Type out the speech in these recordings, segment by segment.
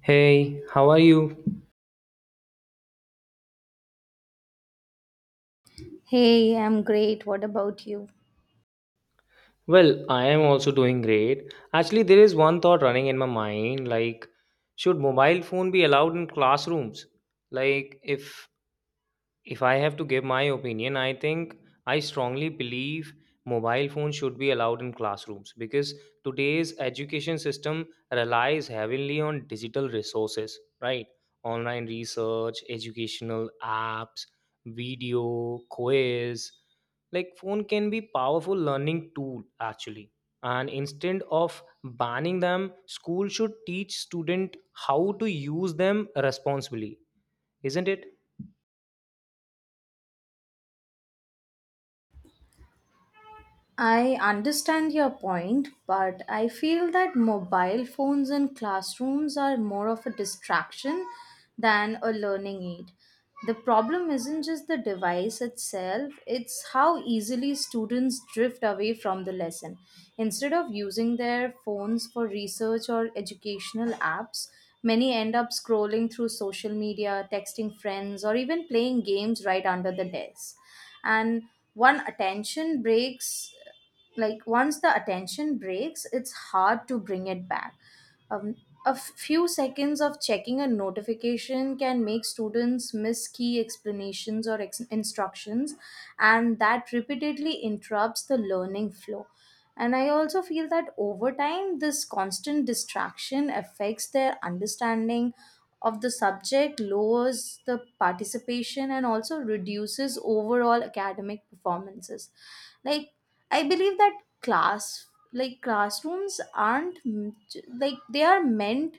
Hey, how are you? Hey, I'm great. What about you? Well, I am also doing great. Actually, there is one thought running in my mind, like, should mobile phone be allowed in classrooms? Like, if I have to give my opinion, I think I strongly believe mobile phones should be allowed in classrooms because today's education system relies heavily on digital resources, right? Online research, educational apps, video, quiz. Like phone can be powerful learning tool actually. And instead of banning them, school should teach student how to use them responsibly, isn't it? I understand your point, but I feel that mobile phones in classrooms are more of a distraction than a learning aid. The problem isn't just the device itself, it's how easily students drift away from the lesson. Instead of using their phones for research or educational apps, many end up scrolling through social media, texting friends, or even playing games right under the desk. And one attention breaks like Once the attention breaks, it's hard to bring it back. um, a few seconds of checking a notification can make students miss key explanations or instructions, and that repeatedly interrupts the learning flow. And I also feel that over time, this constant distraction affects their understanding of the subject, lowers the participation, and also reduces overall academic performances. Like, I believe that class, like classrooms, aren't m- like they are meant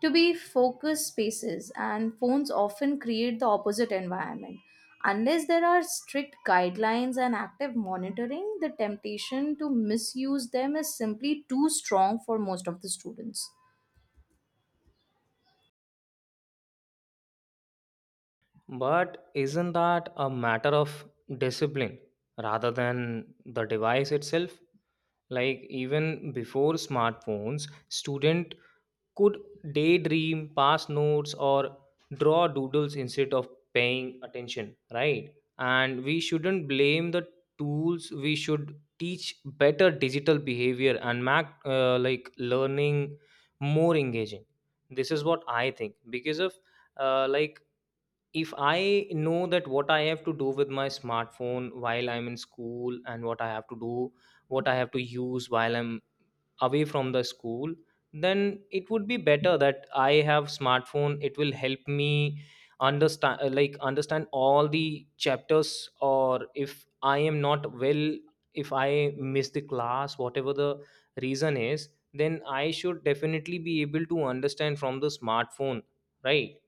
to be focused spaces, and phones often create the opposite environment. Unless there are strict guidelines and active monitoring, the temptation to misuse them is simply too strong for most of the students. But isn't that a matter of discipline rather than the device itself? Like even before smartphones, student could daydream, pass notes or draw doodles instead of paying attention, right? And we shouldn't blame the tools. We should teach better digital behavior and make like learning more engaging. This is what I think because of like if I know that what I have to do with my smartphone while I'm in school and what I have to do, what I have to use while I'm away from the school, then it would be better that I have smartphone. It will help me understand, like understand all the chapters, or if I am not well, if I miss the class, whatever the reason is, then I should definitely be able to understand from the smartphone, right?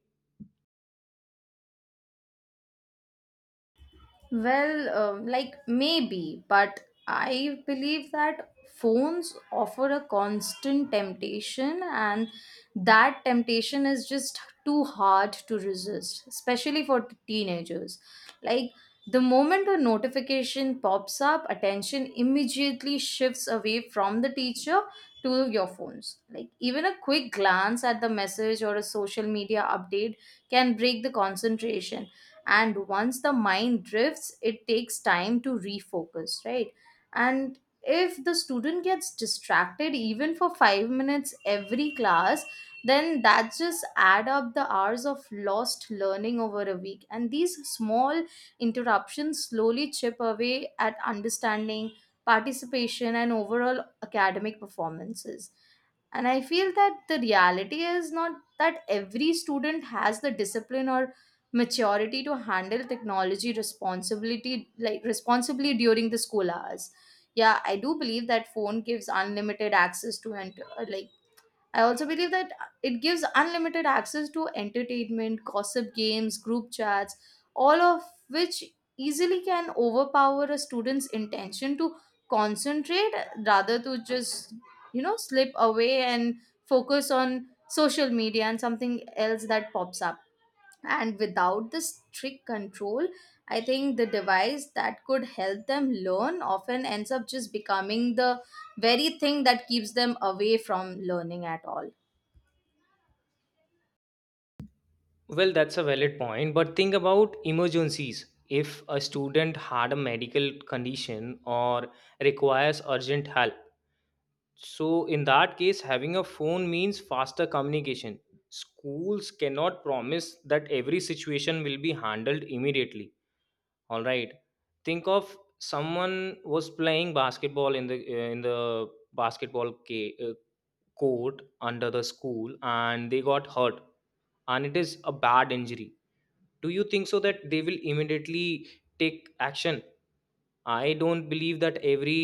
Well, like maybe, but I believe that phones offer a constant temptation, and that temptation is just too hard to resist, especially for teenagers. Like, the moment a notification pops up, attention immediately shifts away from the teacher to your phones. Like, even a quick glance at the message or a social media update can break the concentration. And once the mind drifts, it takes time to refocus, right? And if the student gets distracted even for 5 minutes every class, then that just add up the hours of lost learning over a week, and these small interruptions slowly chip away at understanding, participation, and overall academic performances. And I feel that the reality is not that every student has the discipline or maturity to handle technology responsibility, like responsibly, during the school hours. Yeah, I do believe that phone gives unlimited access to enter. Like I also believe that it gives unlimited access to entertainment, gossip, games, group chats, all of which easily can overpower a student's intention to concentrate, rather to just slip away and focus on social media and something else that pops up. And without the strict control, I think the device that could help them learn often ends up just becoming the very thing that keeps them away from learning at all. Well, that's a valid point, but think about emergencies. If a student had a medical condition or requires urgent help, so in that case, having a phone means faster communication. Schools cannot promise that every situation will be handled immediately. All right. Think of someone was playing basketball in the basketball court under the school and they got hurt and it is a bad injury. Do you think so that they will immediately take action? I don't believe that every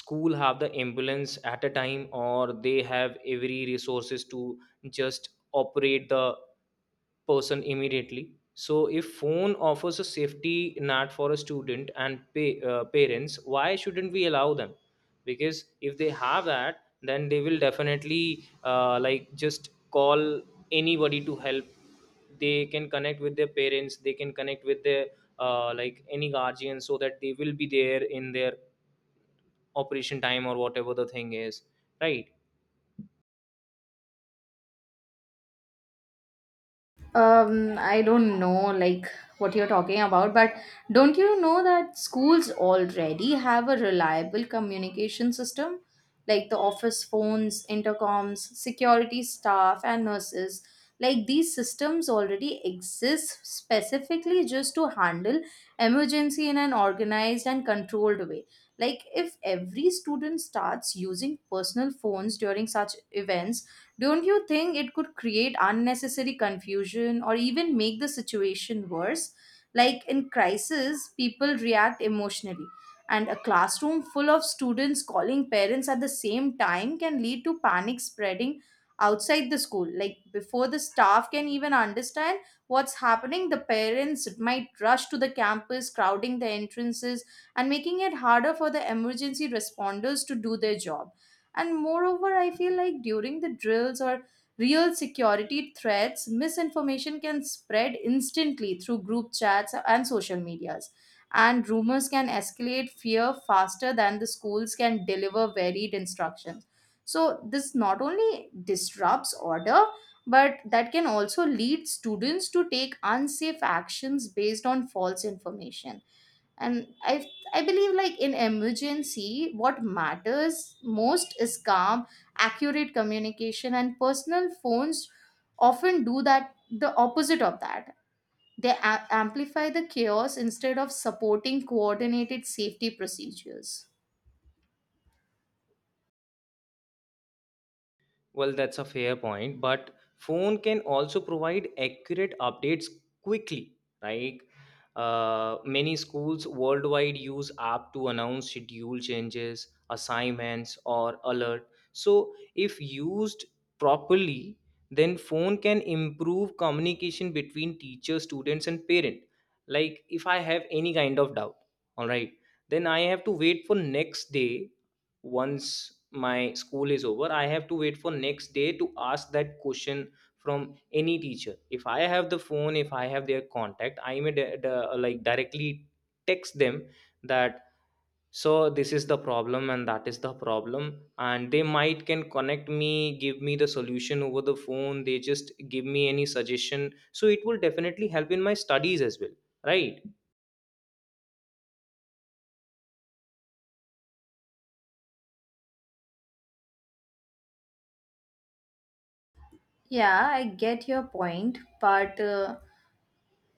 school have the ambulance at a time or they have every resources to just operate the person immediately. So if phone offers a safety net for a student and parents, why shouldn't we allow them? Because if they have that, then they will definitely, like, just call anybody to help. They can connect with their parents, they can connect with their like any guardian, so that they will be there in their operation time or whatever the thing is, right? I don't know like what you're talking about, but don't you know that schools already have a reliable communication system? Like the office phones, intercoms, security staff, and nurses. Like these systems already exist specifically just to handle emergency in an organized and controlled way. Like if every student starts using personal phones during such events, don't you think it could create unnecessary confusion or even make the situation worse? Like in crisis, people react emotionally, and a classroom full of students calling parents at the same time can lead to panic spreading outside the school. Like before the staff can even understand what's happening, the parents might rush to the campus, crowding the entrances and making it harder for the emergency responders to do their job. And moreover, I feel like during the drills or real security threats, misinformation can spread instantly through group chats and social medias. And rumors can escalate fear faster than the schools can deliver varied instructions. So, this not only disrupts order, but that can also lead students to take unsafe actions based on false information. And I believe, like, in emergency what matters most is calm, accurate communication, and personal phones often do that the opposite of that. They amplify the chaos instead of supporting coordinated safety procedures. Well, that's a fair point, but phone can also provide accurate updates quickly. Like many schools worldwide use app to announce schedule changes, assignments, or alert. So if used properly, then phone can improve communication between teacher, students, and parent. Like if I have any kind of doubt, all right, then I have to wait for next day. Once my school is over, I have to wait for next day to ask that question from any teacher. If I have the phone, if I have their contact, I may like directly text them that, so this is the problem and that is the problem, and they might can connect me, give me the solution over the phone. They just give me any suggestion, so it will definitely help in my studies as well, right? Yeah, I get your point, but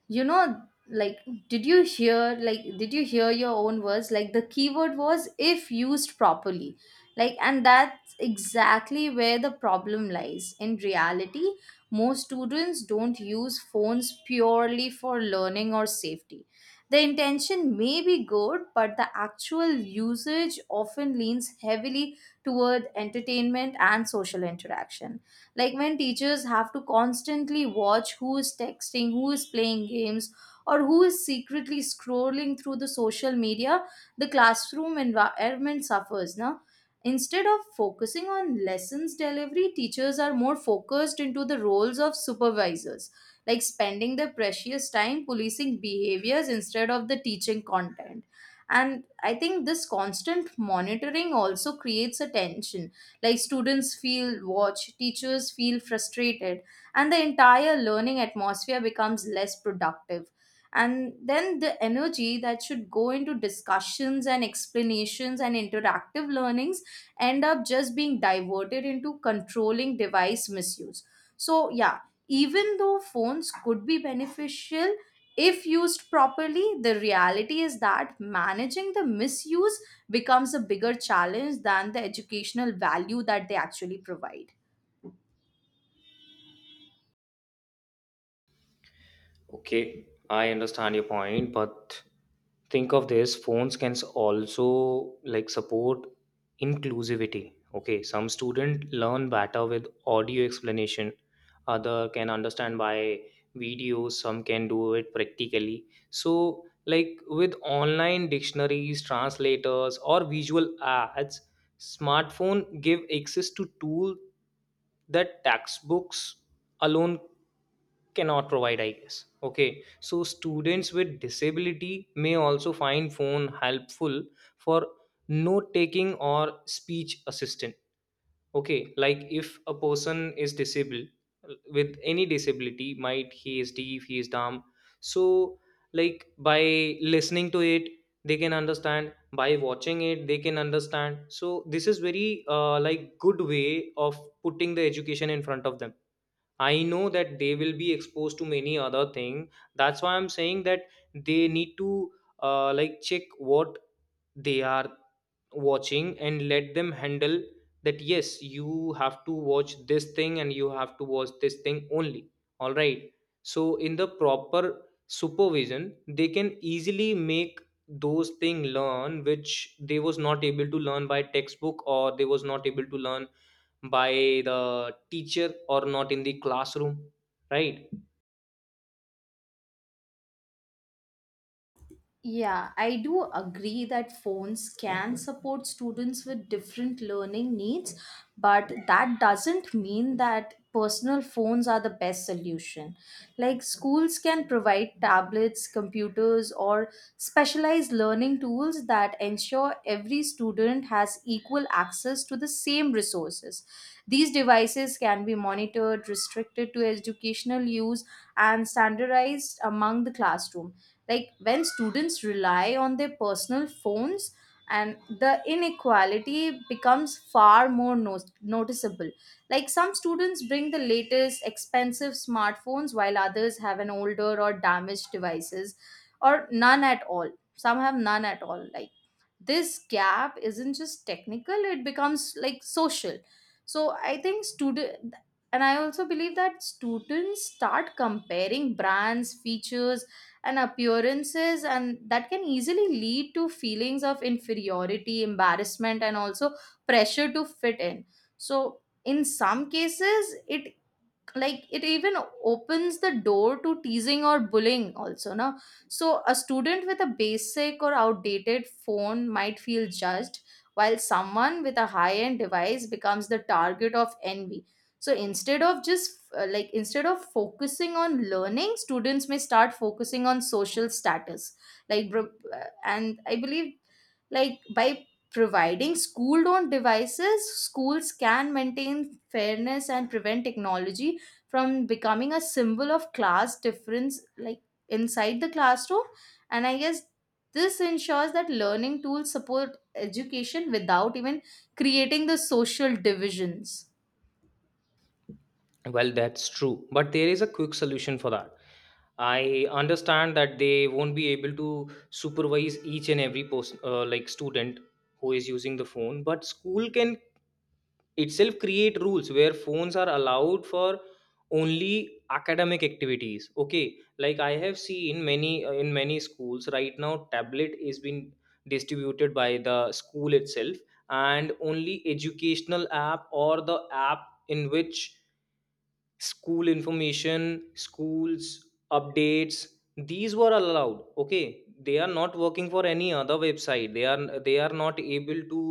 you know, like, did you hear your own words? Like the keyword was if used properly. Like, and that's exactly where the problem lies in reality. Most students don't use phones purely for learning or safety. The intention may be good, but the actual usage often leans heavily toward entertainment and social interaction. Like when teachers have to constantly watch who is texting, who is playing games, or who is secretly scrolling through the social media, the classroom environment suffers. Now, instead of focusing on lessons delivery, teachers are more focused into the roles of supervisors, like spending their precious time policing behaviors instead of the teaching content. And I think this constant monitoring also creates a tension. Like students feel watched, teachers feel frustrated, and the entire learning atmosphere becomes less productive. And then the energy that should go into discussions and explanations and interactive learnings end up just being diverted into controlling device misuse. So, yeah, even though phones could be beneficial if used properly, the reality is that managing the misuse becomes a bigger challenge than the educational value that they actually provide. Okay, I understand your point, but think of this, phones can also, like, support inclusivity. Okay, some student learn better with audio explanation, other can understand by videos, some can do it practically. So, like with online dictionaries, translators, or visual ads, smartphone give access to tools that textbooks alone cannot provide, I guess. Okay, so students with disability may also find phone helpful for note taking or speech assistant. Okay, like if a person is disabled with any disability, might he is deaf, he is dumb, so like by listening to it they can understand, by watching it they can understand. So this is very, like, good way of putting the education in front of them. I know that they will be exposed to many other thing, that's why I'm saying that they need to like check what they are watching and let them handle that. Yes, you have to watch this thing and you have to watch this thing only, all right? So in the proper supervision, they can easily make those thing learn which they was not able to learn by textbook, or they was not able to learn by the teacher or not in the classroom, right? Yeah, I do agree that phones can support students with different learning needs, but that doesn't mean that personal phones are the best solution. Like, schools can provide tablets, computers, or specialized learning tools that ensure every student has equal access to the same resources. These devices can be monitored, restricted to educational use, and standardized among the classroom. Like when students rely on their personal phones, and the inequality becomes far more noticeable. Like some students bring the latest expensive smartphones, while others have an older or damaged devices or none at all. Some have none at all. Like this gap isn't just technical, it becomes like social. So I think student and I also believe that students start comparing brands, features, and appearances, and that can easily lead to feelings of inferiority, embarrassment, and also pressure to fit in. So in some cases, it even opens the door to teasing or bullying also, no? So a student with a basic or outdated phone might feel judged, while someone with a high end device becomes the target of envy. So instead of just like instead of focusing on learning, students may start focusing on social status. And I believe, like, by providing school owned devices, schools can maintain fairness and prevent technology from becoming a symbol of class difference, like inside the classroom. And I guess this ensures that learning tools support education without even creating the social divisions. Well, that's true. But there is a quick solution for that. I understand that they won't be able to supervise each and every person, like student who is using the phone, but school can itself create rules where phones are allowed for only academic activities. Okay, like I have seen many in many schools right now, tablet is being distributed by the school itself, and only educational app or the app in which school information, schools updates, these were allowed. Okay, they are not working for any other website, they are, they are not able to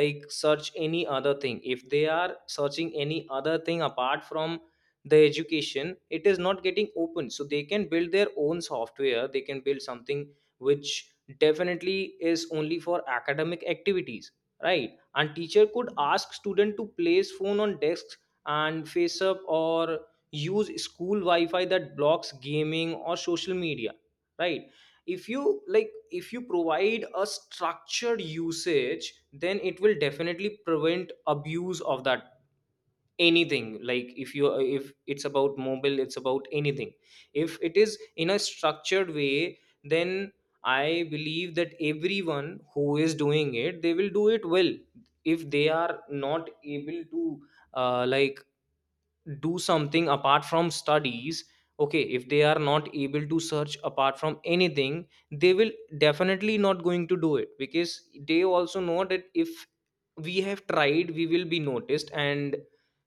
like search any other thing. If they are searching any other thing apart from the education, it is not getting open. So they can build their own software, they can build something which definitely is only for academic activities, right? And teacher could ask student to place phone on desk and face up, or use school wi-fi that blocks gaming or social media, right? If you like, if you provide a structured usage, then it will definitely prevent abuse of that. Anything, like if you, if it's about mobile, it's about anything, if it is in a structured way, then I believe that everyone who is doing it, they will do it well. If they are not able to like do something apart from studies, okay, if they are not able to search apart from anything, they will definitely not going to do it, because they also know that if we have tried, we will be noticed and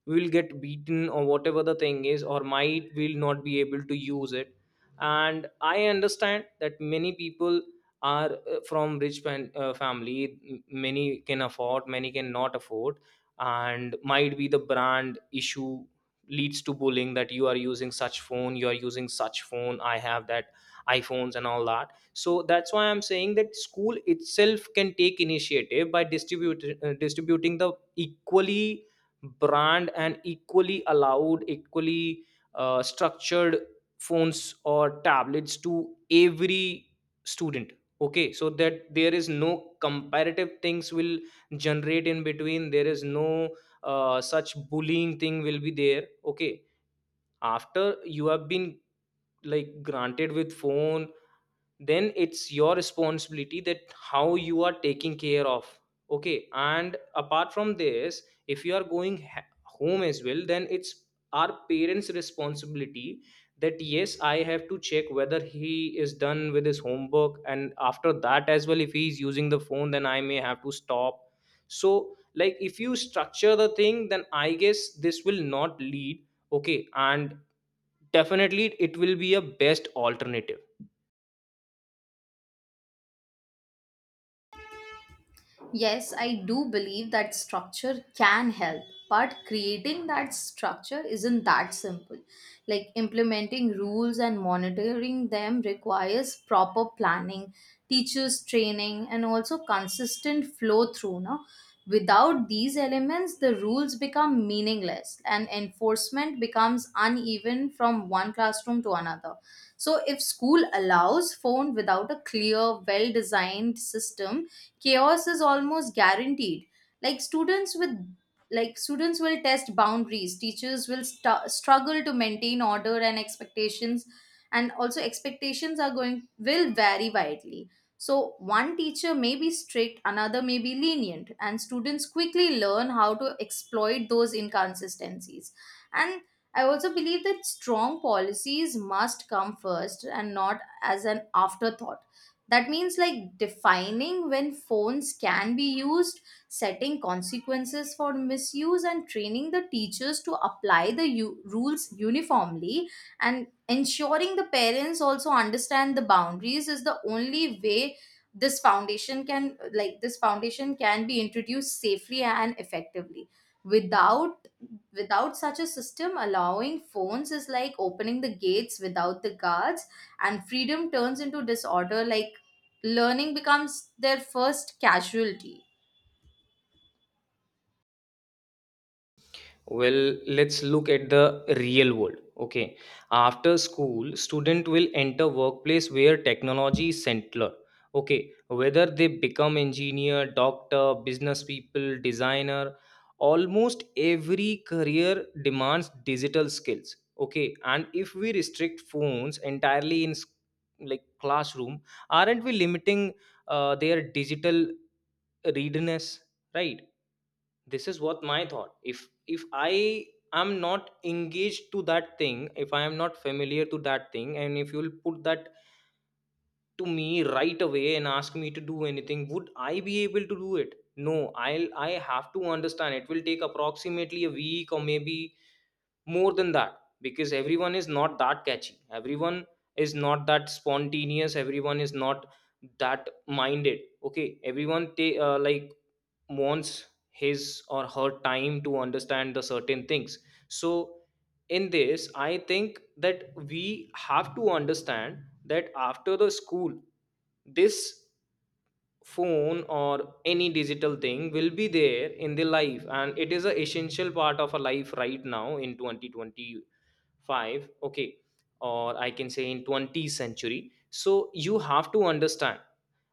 we will get beaten or whatever the thing is, or might will not be able to use it. And I understand that many people are, from rich family. Many can afford, many can not afford, and might be the brand issue leads to bullying that you are using such phone, you are using such phone, I have that iphones and all that. So that's why I'm saying that school itself can take initiative by distributing the equally brand and equally allowed, equally structured phones or tablets to every student. Okay, so that there is no comparative things will generate in between, there is no such bullying thing will be there. Okay, after you have been like granted with phone, then it's your responsibility that how you are taking care of. Okay, and apart from this, if you are going home as well, then it's our parents responsibility, that yes, I have to check whether he is done with his homework, and after that as well if he is using the phone, then I may have to stop. So like if you structure the thing, then I guess this will not lead. Okay, and definitely it will be a best alternative. Yes, I do believe that structure can help, but creating that structure isn't that simple. Like implementing rules and monitoring them requires proper planning, teachers' training, and also consistent flow through. No? Without these elements, the rules become meaningless and enforcement becomes uneven from one classroom to another. So, if school allows phone without a clear, well designed system, chaos is almost guaranteed. Like students with like students will test boundaries, teachers will struggle to maintain order and expectations, and also expectations are going will vary widely. So one teacher may be strict, another may be lenient, and students quickly learn how to exploit those inconsistencies. And I also believe that strong policies must come first and not as an afterthought. That means like defining when phones can be used, setting consequences for misuse, and training the teachers to apply the rules uniformly, and ensuring the parents also understand the boundaries is the only way this foundation can be introduced safely and effectively. without Without such a system, allowing phones is like opening the gates without the guards, and freedom turns into disorder. Like learning becomes their first casualty. Well, let's look at the real world. Okay. After school, student will enter workplace where technology is central. Okay. Whether they become engineer, doctor, business people, designer, almost every career demands digital skills. Okay. And if we restrict phones entirely in like classroom, aren't we limiting, their digital readiness? Right, this is what my thought. If I am not engaged to that thing, if I am not familiar to that thing, and if you'll put that to me right away and ask me to do anything, would I be able to do it? No. I have to understand. It will take approximately a week or maybe more than that, because everyone is not that catchy, everyone is not that spontaneous, everyone is not that minded. Okay, everyone like wants his or her time to understand the certain things. So in this, I think that we have to understand that after the school, this phone or any digital thing will be there in the life, and it is a essential part of a life right now in 2025. Okay, or I can say in 20th century. So you have to understand,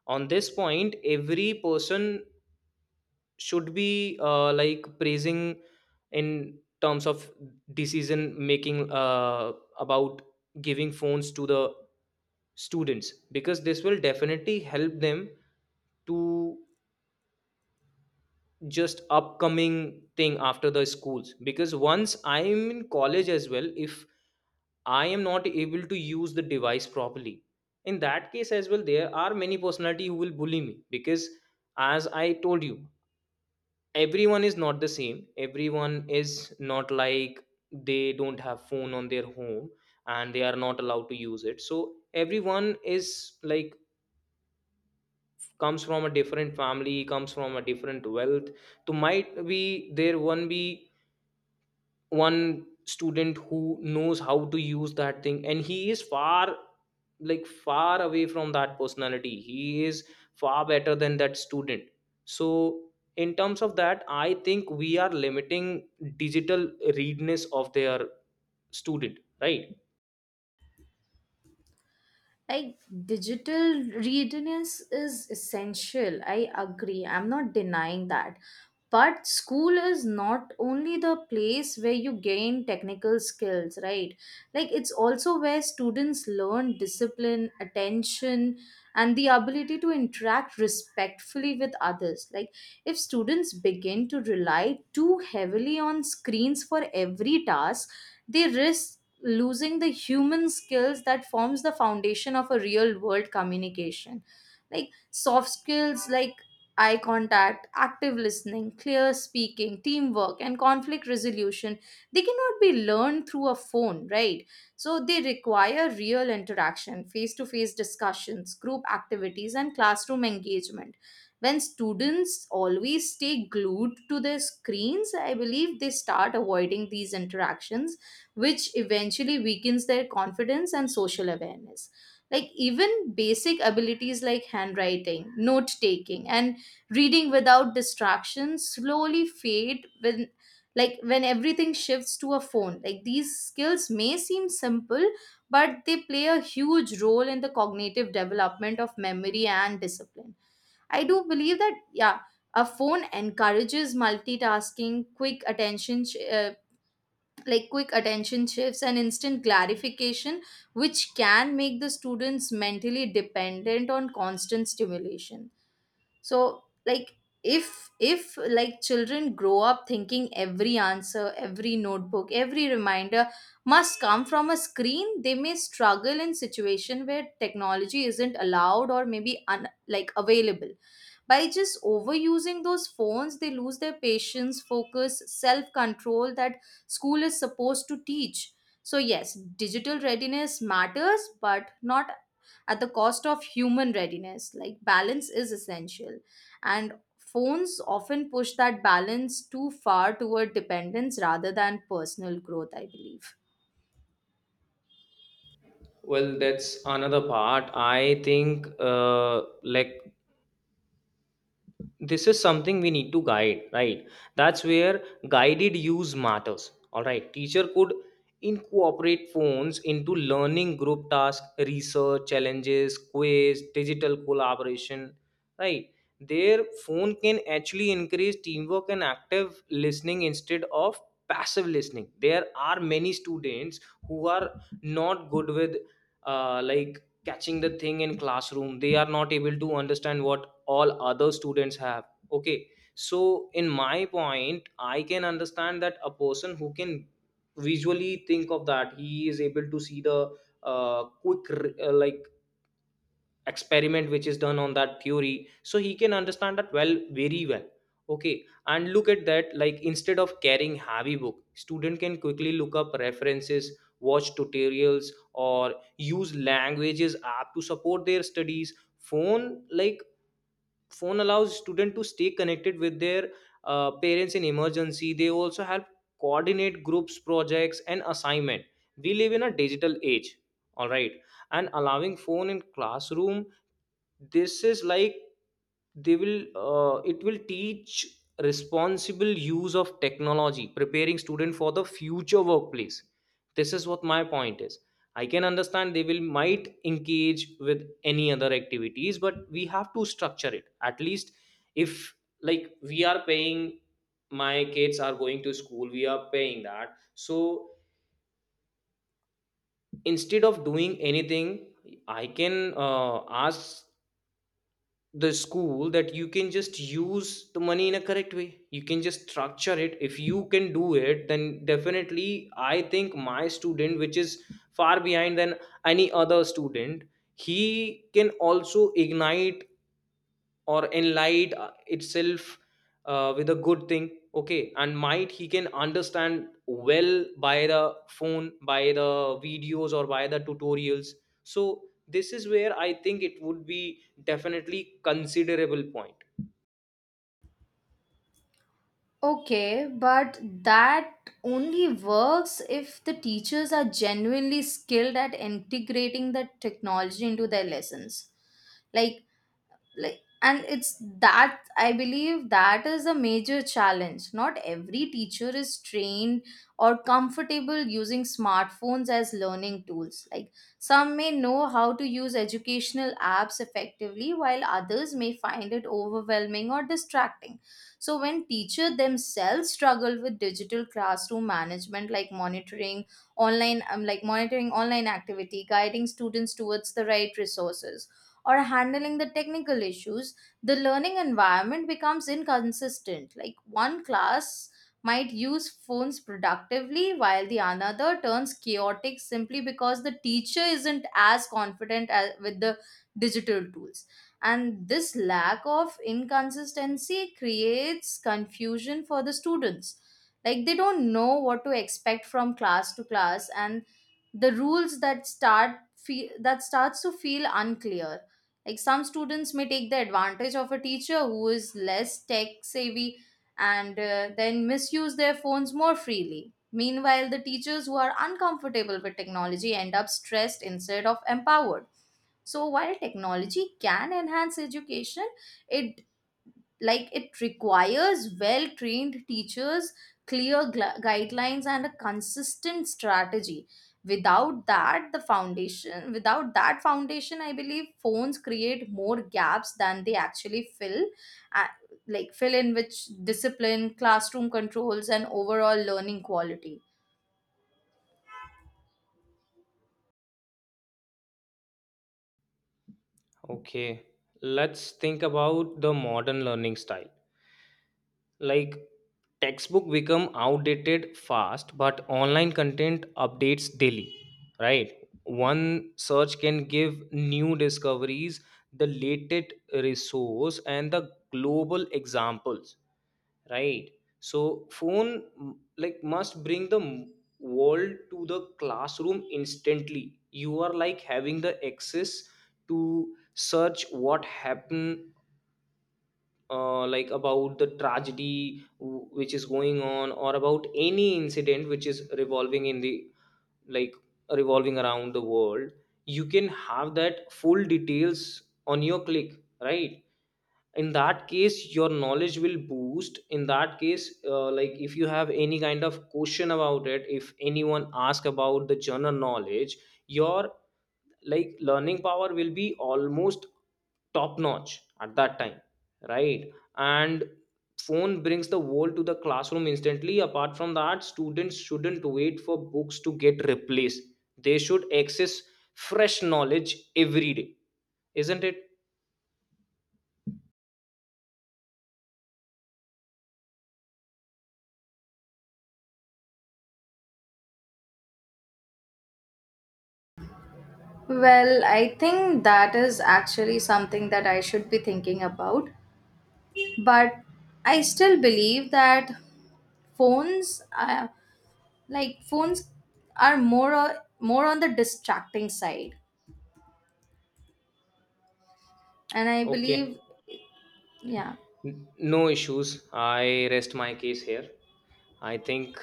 on this point every person should be like praising in terms of decision making about giving phones to the students, because this will definitely help them to just upcoming thing after the schools. Because once I'm in college as well, if I am not able to use the device properly, in that case as well there are many personality who will bully me. Because as I told you, everyone is not the same, everyone is not like, they don't have phone on their home and they are not allowed to use it. So everyone is like comes from a different family, comes from a different wealth. So might be there one be one student who knows how to use that thing, and he is far, like far away from that personality, he is far better than that student. So in terms of that, I think we are limiting digital readiness of their student, right? Like digital readiness is essential. I agree. I'm not denying that. But school is not only the place where you gain technical skills, right? Like it's also where students learn discipline, attention, and the ability to interact respectfully with others. Like if students begin to rely too heavily on screens for every task, they risk losing the human skills that forms the foundation of a real world communication. Like soft skills like eye contact, active listening, clear speaking, teamwork, and conflict resolution, they cannot be learned through a phone, right? So they require real interaction, face to face discussions, group activities, and classroom engagement. When students always stay glued to their screens, I believe they start avoiding these interactions, which eventually weakens their confidence and social awareness. Like, even basic abilities like handwriting, note taking, and reading without distractions slowly fade when when everything shifts to a phone. Like these skills may seem simple, but they play a huge role in the cognitive development of memory and discipline. I do believe that, yeah, a phone encourages multitasking, quick attention quick attention shifts and instant clarification, which can make the students mentally dependent on constant stimulation. So like, if children grow up thinking every answer, every notebook, every reminder must come from a screen, they may struggle in situation where technology isn't allowed or maybe available. By just overusing those phones, they lose their patience, focus, self control that school is supposed to teach. So yes, digital readiness matters, but not at the cost of human readiness. Like balance is essential, and phones often push that balance too far toward dependence rather than personal growth, I believe. Well, that's another part. I think like this is something we need to guide, right? That's where guided use matters. All right, teacher could incorporate phones into learning, group task, research challenges, quiz, digital collaboration. Right, their phone can actually increase teamwork and active listening instead of passive listening. There are many students who are not good with like catching the thing in classroom. They are not able to understand what all other students have. Okay, so in my point, I can understand that a person who can visually think of that, he is able to see the like experiment which is done on that theory, so he can understand that well, very well. Okay, and look at that, like instead of carrying heavy book, student can quickly look up references, watch tutorials, or use languages app to support their studies. Phone phone allows student to stay connected with their parents in emergency. They also help coordinate groups projects and assignment. We live in a digital age, all right? And allowing phone in classroom, this is like they will it will teach responsible use of technology, preparing student for the future workplace. This is what my point is. I can understand they will might engage with any other activities, but we have to structure it at least. If like we are paying, my kids are going to school, we are paying that, so instead of doing anything, I can ask the school that you can just use the money in a correct way, you can just structure it. If you can do it, then definitely I think my student, which is far behind than any other student, he can also ignite or enlight itself with a good thing. Okay, and might he can understand well by the phone, by the videos, or by the tutorials. So this is where I think it would be definitely considerable point. Okay, but that only works if the teachers are genuinely skilled at integrating the technology into their lessons. Like like and it's that I believe that is a major challenge. Not every teacher is trained or comfortable using smartphones as learning tools. Like some may know how to use educational apps effectively, while others may find it overwhelming or distracting. So when teacher themselves struggle with digital classroom management, like monitoring online monitoring online activity, guiding students towards the right resources, or handling the technical issues, the learning environment becomes inconsistent. Like one class might use phones productively while the another turns chaotic simply because the teacher isn't as confident as, with the digital tools. And this lack of inconsistency creates confusion for the students. Like they don't know what to expect from class to class, and the rules that starts to feel unclear. Like some students may take the advantage of a teacher who is less tech savvy and then misuse their phones more freely. Meanwhile, the teachers who are uncomfortable with technology end up stressed instead of empowered. So while technology can enhance education, it it requires well trained teachers, clear guidelines, and a consistent strategy. Without that the foundation without that foundation, I believe phones create more gaps than they actually fill, uh, fill in which discipline, classroom controls, and overall learning quality. Okay, let's think about the modern learning style. Like textbook become outdated fast, but online content updates daily. Right, one search can give new discoveries, the latest resource, and the global examples. Right, so phone like must bring the world to the classroom instantly. You are like having the access to search what happened, like about the tragedy which is going on, or about any incident which is revolving in the, like revolving around the world. You can have that full details on your click. Right, in that case your knowledge will boost. In that case, like if you have any kind of question about it, if anyone ask about the general knowledge, your like learning power will be almost top notch at that time, right? And phone brings the world to the classroom instantly. Apart from that, students shouldn't wait for books to get replaced, they should access fresh knowledge every day. Isn't it? Well, I think that is actually something that I should be thinking about, but I still believe that phones like phones are more more on the distracting side, and I Okay. believe, yeah, No issues, I rest my case here. I think,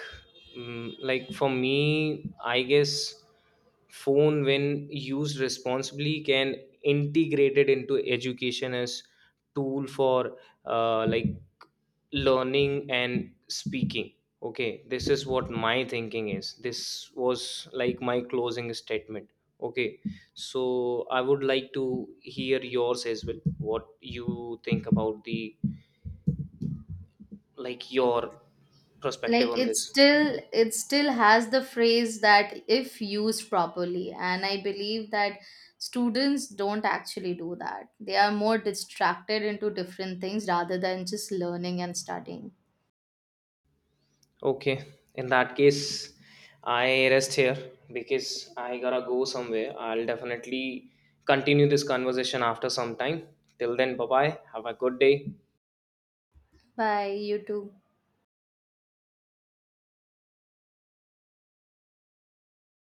like for me, I guess phone when used responsibly can integrate it into education as tool for like learning and speaking. Okay, this is what my thinking is. This was like my closing statement. Okay, so I would like to hear yours as well. What you think about the, like your perspective on this? It still has the phrase that if used properly, and I believe that students don't actually do that. They are more distracted into different things rather than just learning and studying. Okay, in that case, I rest here because I gotta go somewhere. I'll definitely continue this conversation after some time. Till then, bye bye. Have a good day. Bye, you too.